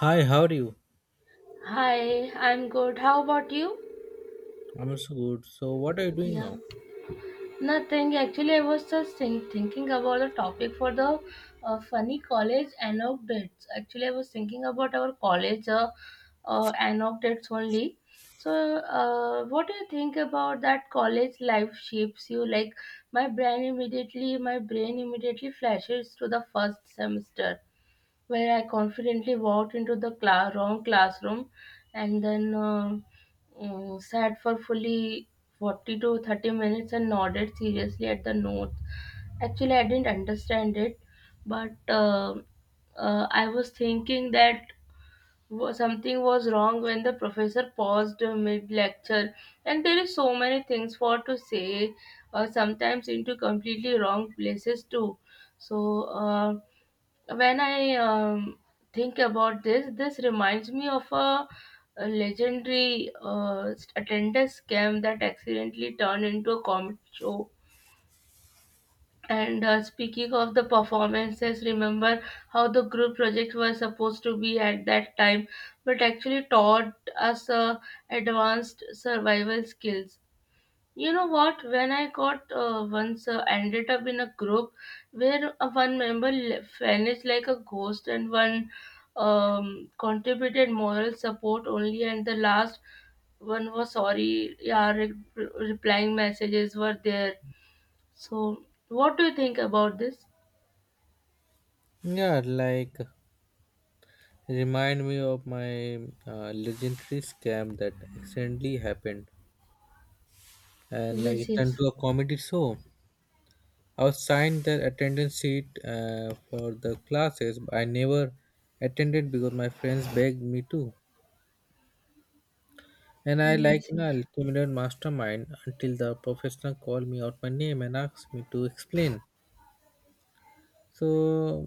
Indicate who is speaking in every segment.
Speaker 1: Hi, how are you?
Speaker 2: Hi, I'm good. How about you?
Speaker 1: I'm also good. So, what are you doing
Speaker 2: Yeah,
Speaker 1: now?
Speaker 2: nothing. Actually, I was just thinking about the topic for the funny college anecdotes. Actually, I was thinking about our college anecdotes only. So, what do you think about that college life shapes you? Like, my brain immediately flashes to the first semester where I confidently walked into the wrong classroom and then sat for fully 40 to 30 minutes and nodded seriously at the notes. Actually, I didn't understand it, but I was thinking that something was wrong when the professor paused mid lecture, and there is so many things for to say, or sometimes into completely wrong places too. So when I think about this, this reminds me of a legendary attendance scam that accidentally turned into a comic show. And speaking of the performances, remember how the group project was supposed to be at that time, but actually taught us advanced survival skills. You know what? When I got once ended up in a group where one member vanished like a ghost, and one contributed moral support only, and the last one was sorry. Yeah, replying messages were there. So, what do you think about this?
Speaker 1: Yeah, like remind me of my legendary scam that accidentally happened, and like
Speaker 2: Yes,
Speaker 1: it turned
Speaker 2: yes,
Speaker 1: to a comedy show. I was signed the attendance sheet for the classes, but I never attended because my friends begged me to. And I like
Speaker 2: yes,
Speaker 1: you
Speaker 2: yes.
Speaker 1: know, criminal mastermind until the professor called me out my name and asked me to explain. So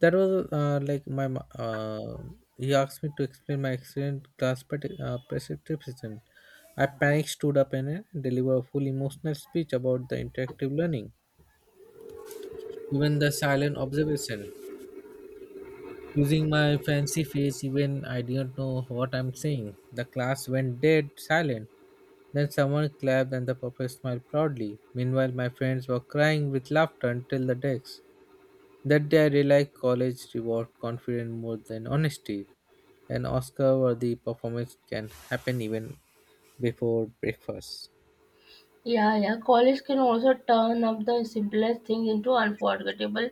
Speaker 1: that was like my he asked me to explain my excellent class participation. I panicked, stood up, and delivered a full emotional speech about the interactive learning, even the silent observation. Using my fancy face, even I didn't know what I'm saying. The class went dead silent. Then someone clapped and the professor smiled proudly. Meanwhile, my friends were crying with laughter until the decks. That day I realized college reward confidence more than honesty. An Oscar worthy performance can happen even before breakfast.
Speaker 2: Yeah, yeah. College can also turn up the simplest things into unforgettable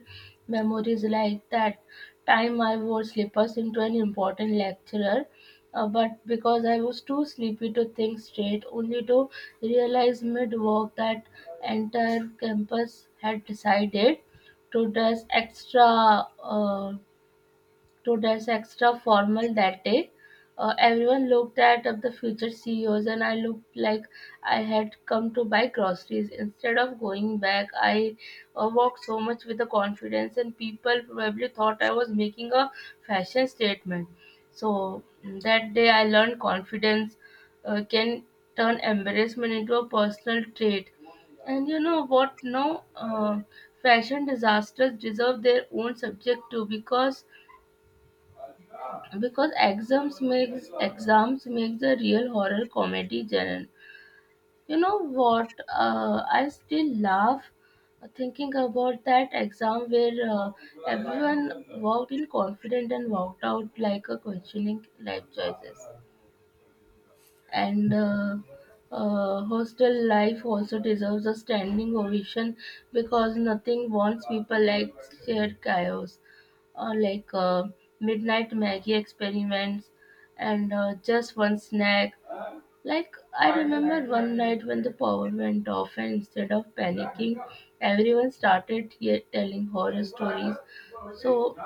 Speaker 2: memories, like that time I wore slippers into an important lecturer, but because I was too sleepy to think straight, only to realize mid walk that entire campus had decided to dress extra uh, to dress extra formal that day. Everyone looked at the future CEOs, and I looked like I had come to buy groceries. Instead of going back, I walked so much with the confidence, and people probably thought I was making a fashion statement. So that day, I learned confidence can turn embarrassment into a personal trait. And you know what? Now, fashion disasters deserve their own subject too, because exams makes exams makes a real horror comedy genre. You know what? I still laugh thinking about that exam where everyone walked in confident and walked out like a questioning life choices, and hostel life also deserves a standing ovation because nothing warms people like shared chaos, uh, like uh, midnight Maggie experiments, and just one snack. Like I remember one night when the power went off, and instead of panicking, everyone started telling horror stories. So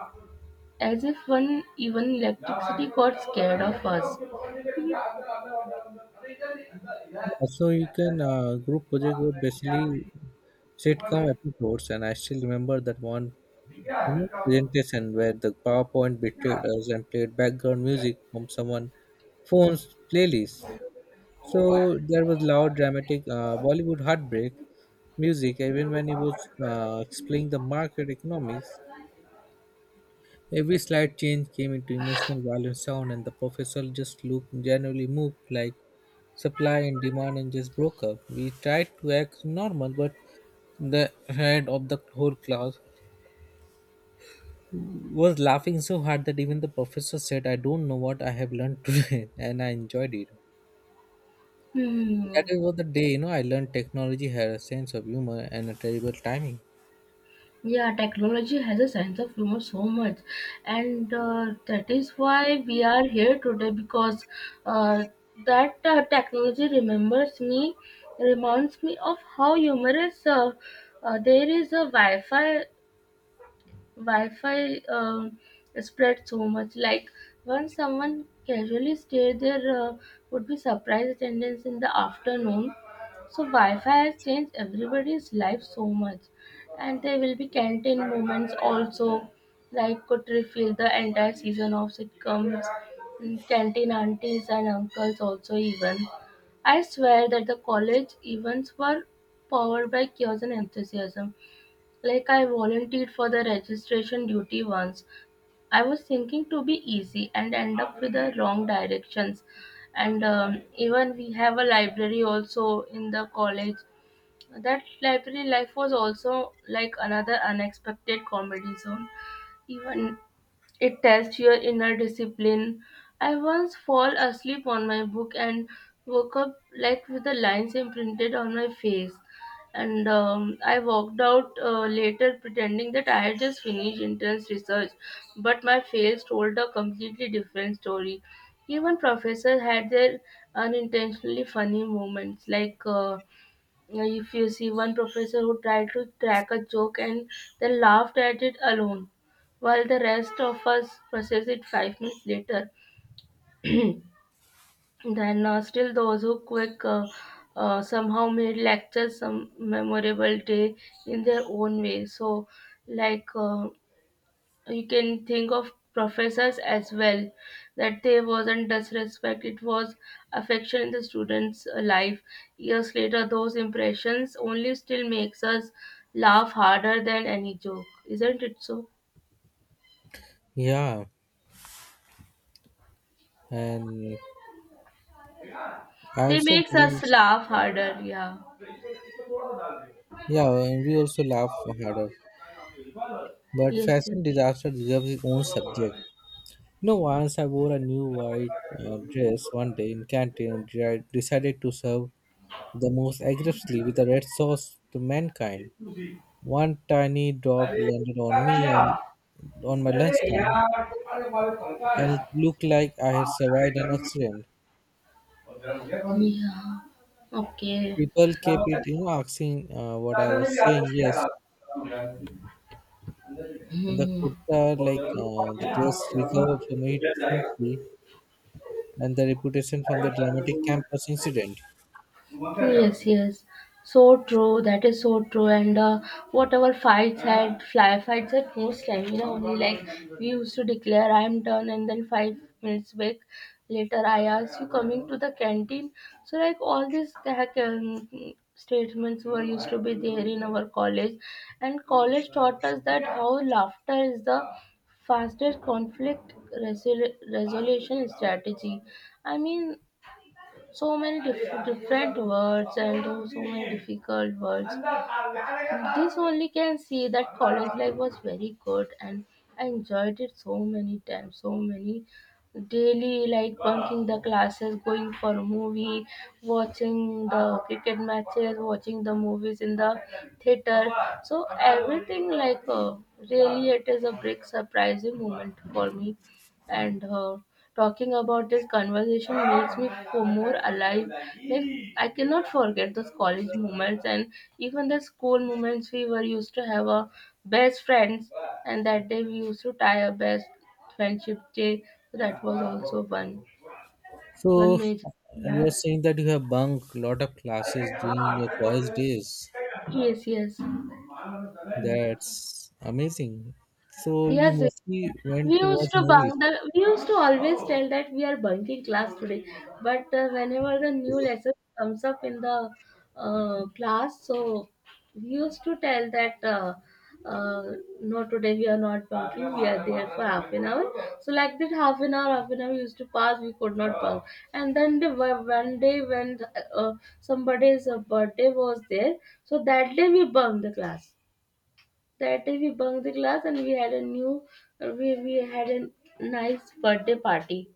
Speaker 2: as if one even electricity got scared of us.
Speaker 1: Yeah, so you can group project were basically sitcom episodes, and I still remember that one you know, presentation where the PowerPoint betrayed us and played background music from someone phone's playlist. So there was loud, dramatic Bollywood heartbreak music, even when he was explaining the market economics. Every slight change came into emotional violent sound, and the professor just looked genuinely moved, like supply and demand, and just broke up. We tried to act normal, but the head of the whole class was laughing so hard that even the professor said, I don't know what I have learned today, and I enjoyed it. That
Speaker 2: Hmm.
Speaker 1: was the day, you know, I learned technology had a sense of humor and a terrible timing.
Speaker 2: Yeah, technology has a sense of humor so much, and that is why we are here today, because uh, that technology remembers me, reminds me of how humorous there is a Wi-Fi spread so much. Like when someone casually stayed there, would be surprise attendance in the afternoon. So Wi-Fi has changed everybody's life so much, and there will be canteen moments also. Like could refill the entire season of sitcoms, canteen aunties and uncles also even. I swear that the college events were powered by chaos and enthusiasm. Like I volunteered for the registration duty once. I was thinking to be easy and end up with the wrong directions. And even we have a library also in the college. That library life was also like another unexpected comedy zone. Even it tests your inner discipline. I once fall asleep on my book and woke up like with the lines imprinted on my face. And I walked out later pretending that I had just finished intense research, but my fails told a completely different story. Even professors had their unintentionally funny moments, like yeah, if you see one professor who tried to crack a joke and then laughed at it alone, while the rest of us process it 5 minutes later, then still those who quick somehow made lectures some memorable day in their own way. So, like uh, you can think of professors as well, that they wasn't disrespect, it was affection in the students life. Years later, those impressions only still makes us laugh harder than any joke, isn't it? So
Speaker 1: Yeah, and I
Speaker 2: they
Speaker 1: also
Speaker 2: makes
Speaker 1: believe,
Speaker 2: us laugh harder, yeah.
Speaker 1: yeah, and we also laugh harder. But
Speaker 2: Yes,
Speaker 1: fashion
Speaker 2: yes.
Speaker 1: disaster deserves its own subject. You know, once I wore a new white dress one day in canteen and I decided to serve the most aggressively with a red sauce to mankind. One tiny drop landed on me and on my lunchtime, and it looked like I had survived an accident.
Speaker 2: Yeah, okay.
Speaker 1: People kept it, you know, asking what I was saying. Yes, and the
Speaker 2: Hmm.
Speaker 1: kurta, like the dress, recovered from it simply, and the reputation from the dramatic campus incident.
Speaker 2: Yes, yes. So true. That is so true. And whatever fights had, fly fights at most time, you know, only like we used to declare, I am done, and then 5 minutes back later, I asked you coming to the canteen. So, like, all these heck, statements were used to be there in our college. And college taught us that how laughter is the fastest resolution strategy. I mean, so many different words and so many difficult words. This only can see that college life was very good, and I enjoyed it so many times, so many daily like bunking the classes, going for a movie, watching the cricket matches, watching the movies in the theater. So everything like really, it is a big surprising moment for me, and talking about this conversation makes me feel more alive. Like, I cannot forget those college moments, and even the school moments, we were used to have our best friends, and that day we used to tie our best friendship day. So that was also one one
Speaker 1: So
Speaker 2: major
Speaker 1: you are
Speaker 2: yeah.
Speaker 1: saying that you have bunk lot of classes during your college days.
Speaker 2: Yes, yes.
Speaker 1: That's amazing. So you
Speaker 2: Yes, yes.
Speaker 1: mostly
Speaker 2: We
Speaker 1: went to watch
Speaker 2: used to
Speaker 1: movies.
Speaker 2: bunk the. We used to always tell that we are bunking class today, but whenever the new lesson comes up in the class, so we used to tell that uh, no, today we are not bunking. We are there for half an hour. So like that, half an hour used to pass. We could not bunk, and then the one day when uh, somebody's birthday was there, so that day we bunked the class. That day we bunked the class, and we had a new we had a nice birthday party.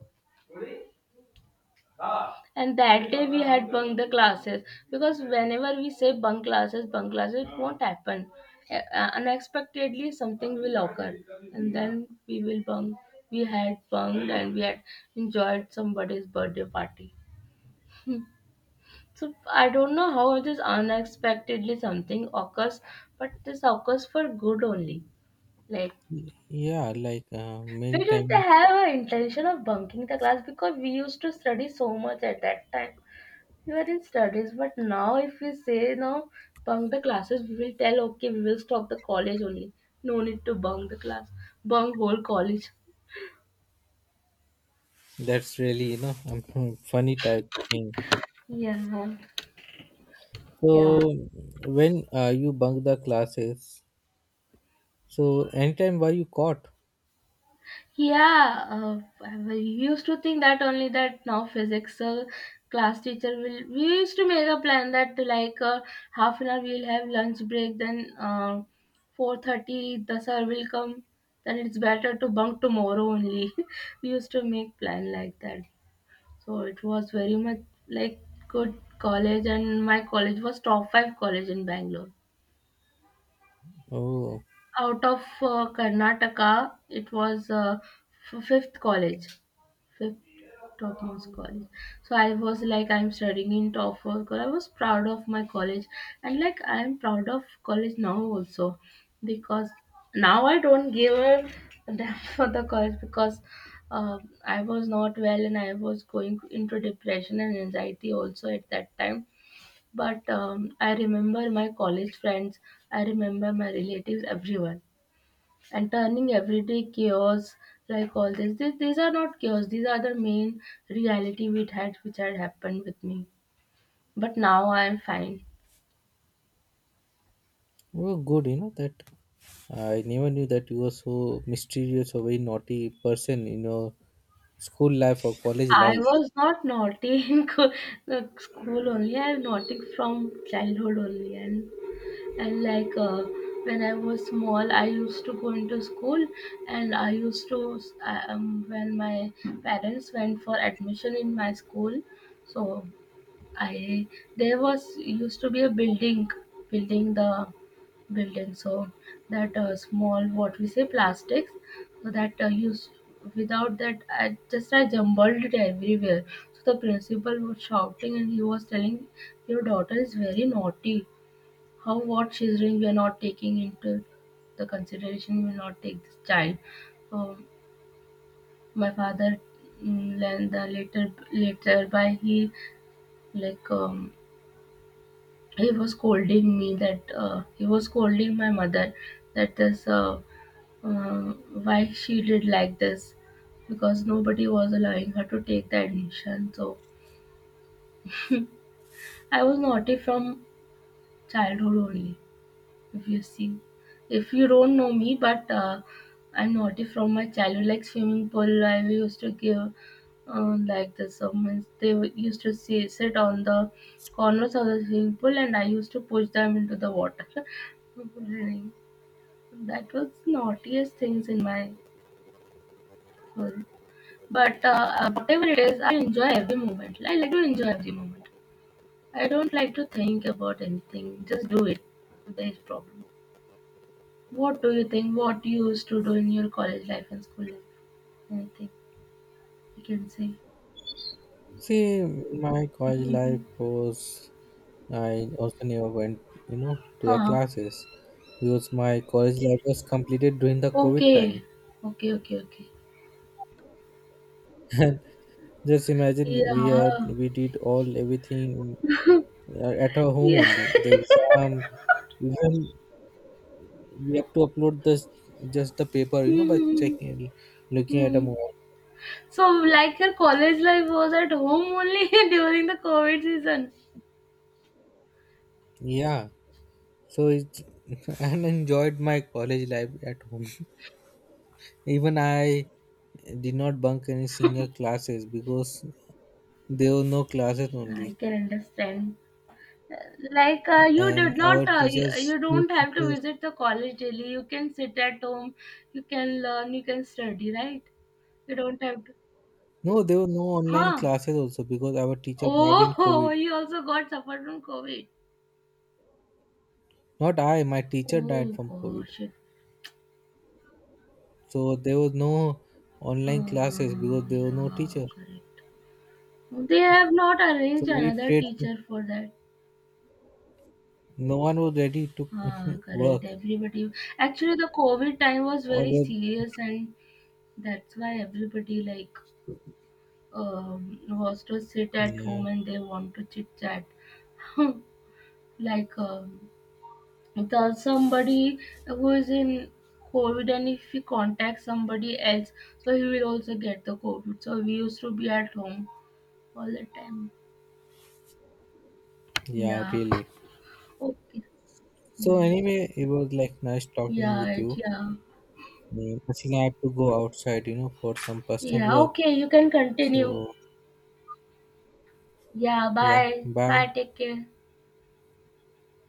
Speaker 2: And that day we had bunked the classes, because whenever we say bunk classes, it won't happen. Unexpectedly, something will occur, and then we will bunk. We had bunked and we had enjoyed somebody's birthday party. So I don't know how this unexpectedly something occurs, but this occurs for good only. Like,
Speaker 1: Y- Yeah, like
Speaker 2: we
Speaker 1: many
Speaker 2: didn't
Speaker 1: times.
Speaker 2: have an intention of bunking the class because we used to study so much at that time. We were in studies, but now if we say no, bunk the classes, we will tell okay, we will stop the college only. No need to bunk the class, bunk whole college.
Speaker 1: That's really you know funny type thing.
Speaker 2: Yeah, yeah.
Speaker 1: So when you bunk the classes, so anytime were you caught?
Speaker 2: Yeah, I used to think that only that now physics class teacher will. We used to make a plan that like half an hour we'll have lunch break, then 4:30 the sir will come. Then it's better to bunk tomorrow only. We used to make plan like that. So it was very much like good college, and my college was top five college in Bangalore.
Speaker 1: Oh.
Speaker 2: Out of Karnataka, it was fifth college, fifth topmost college. So I was like, I'm studying in TOEFL, because I was proud of my college, and like I am proud of college now also, because now I don't give a damn for the college, because uh, I was not well, and I was going into depression and anxiety also at that time. But I remember my college friends, I remember my relatives, everyone, and turning everyday chaos like all this. These are not chaos, these are the main reality we had, which had happened with me. But now I am fine.
Speaker 1: Oh, good, you know that I never knew that you were so mysterious or very naughty person in your school life or college
Speaker 2: I
Speaker 1: life.
Speaker 2: was not naughty in the school only. I am naughty from childhood only, and and like uh, when I was small, I used to go into school, and I used to when my parents went for admission in my school, so I, there was used to be a building building the building. So that small, what we say, plastics, so that used without that, I just I jumbled it everywhere. So the principal was shouting, and he was telling, your daughter is very naughty, how, what she's doing, we are not taking into the consideration, we will not take this child. um, my father, then the later, later by, he like, he was scolding me, that he was scolding my mother, that this uh, why she did like this, because nobody was allowing her to take the admission. So I was naughty from childhood only. If you see, if you don't know me, but I'm naughty from my childhood. Like, swimming pool, I used to give like the summons, they used to see, sit on the corners of the swimming pool, and I used to push them into the water. That was the naughtiest things in my whole. But whatever it is, I enjoy every moment. I like to enjoy every moment. I don't like to think about anything. Just do it. There is problem. What do you think? What you used to do in your college life and school life? Anything you can say?
Speaker 1: See, my college life
Speaker 2: Mm-hmm.
Speaker 1: was I also never went, you know, to the
Speaker 2: Huh.
Speaker 1: classes because my college life was completed during the COVID
Speaker 2: Okay.
Speaker 1: time.
Speaker 2: Okay. Okay. Okay.
Speaker 1: And just imagine we are
Speaker 2: Yeah.
Speaker 1: we did all everything at our home
Speaker 2: Yeah.
Speaker 1: only. The exam, even we have to upload this just the paper you know by
Speaker 2: Hmm.
Speaker 1: checking looking at a
Speaker 2: Hmm.
Speaker 1: mobile.
Speaker 2: So, like your college life was at home only during the COVID season.
Speaker 1: Yeah, so it's and enjoyed my college life at home. Even I did not bunk any single classes because there were no classes only.
Speaker 2: I can understand. Uh, Like you
Speaker 1: And
Speaker 2: did not,
Speaker 1: our
Speaker 2: you,
Speaker 1: teachers,
Speaker 2: you
Speaker 1: few
Speaker 2: don't have to
Speaker 1: teachers,
Speaker 2: visit the college daily. You can sit at home, you can learn, you can study, right? You don't have to.
Speaker 1: no, there were no online
Speaker 2: Huh?
Speaker 1: classes also because our teacher died in
Speaker 2: Oh,
Speaker 1: COVID.
Speaker 2: you also got suffered from COVID.
Speaker 1: Not I, my teacher died
Speaker 2: Oh
Speaker 1: from COVID.
Speaker 2: gosh. It,
Speaker 1: So there was no online classes because there were no
Speaker 2: yeah,
Speaker 1: teacher.
Speaker 2: correct. They have not
Speaker 1: So
Speaker 2: arranged
Speaker 1: we
Speaker 2: another
Speaker 1: prayed,
Speaker 2: teacher for that.
Speaker 1: no one was ready to
Speaker 2: Ah,
Speaker 1: work
Speaker 2: correct. Everybody. Actually, the COVID time was
Speaker 1: or
Speaker 2: very
Speaker 1: the.
Speaker 2: serious, and that's why everybody like hostels sit at
Speaker 1: Yeah,
Speaker 2: home and they want to chit chat. Hmm, like the somebody who is in COVID, and if he contacts somebody else, so he will also get the COVID. So we used to be at home all the time.
Speaker 1: yeah
Speaker 2: Yeah.
Speaker 1: really.
Speaker 2: Okay.
Speaker 1: So
Speaker 2: Yeah.
Speaker 1: anyway, it was like nice talking
Speaker 2: Yeah.
Speaker 1: with
Speaker 2: It-
Speaker 1: you.
Speaker 2: yeah.
Speaker 1: Mm, actually I have to go outside you know for some personal
Speaker 2: Yeah.
Speaker 1: work,
Speaker 2: Okay. You can continue.
Speaker 1: so
Speaker 2: Yeah.
Speaker 1: yeah,
Speaker 2: Bye. Bye.
Speaker 1: bye.
Speaker 2: Take care.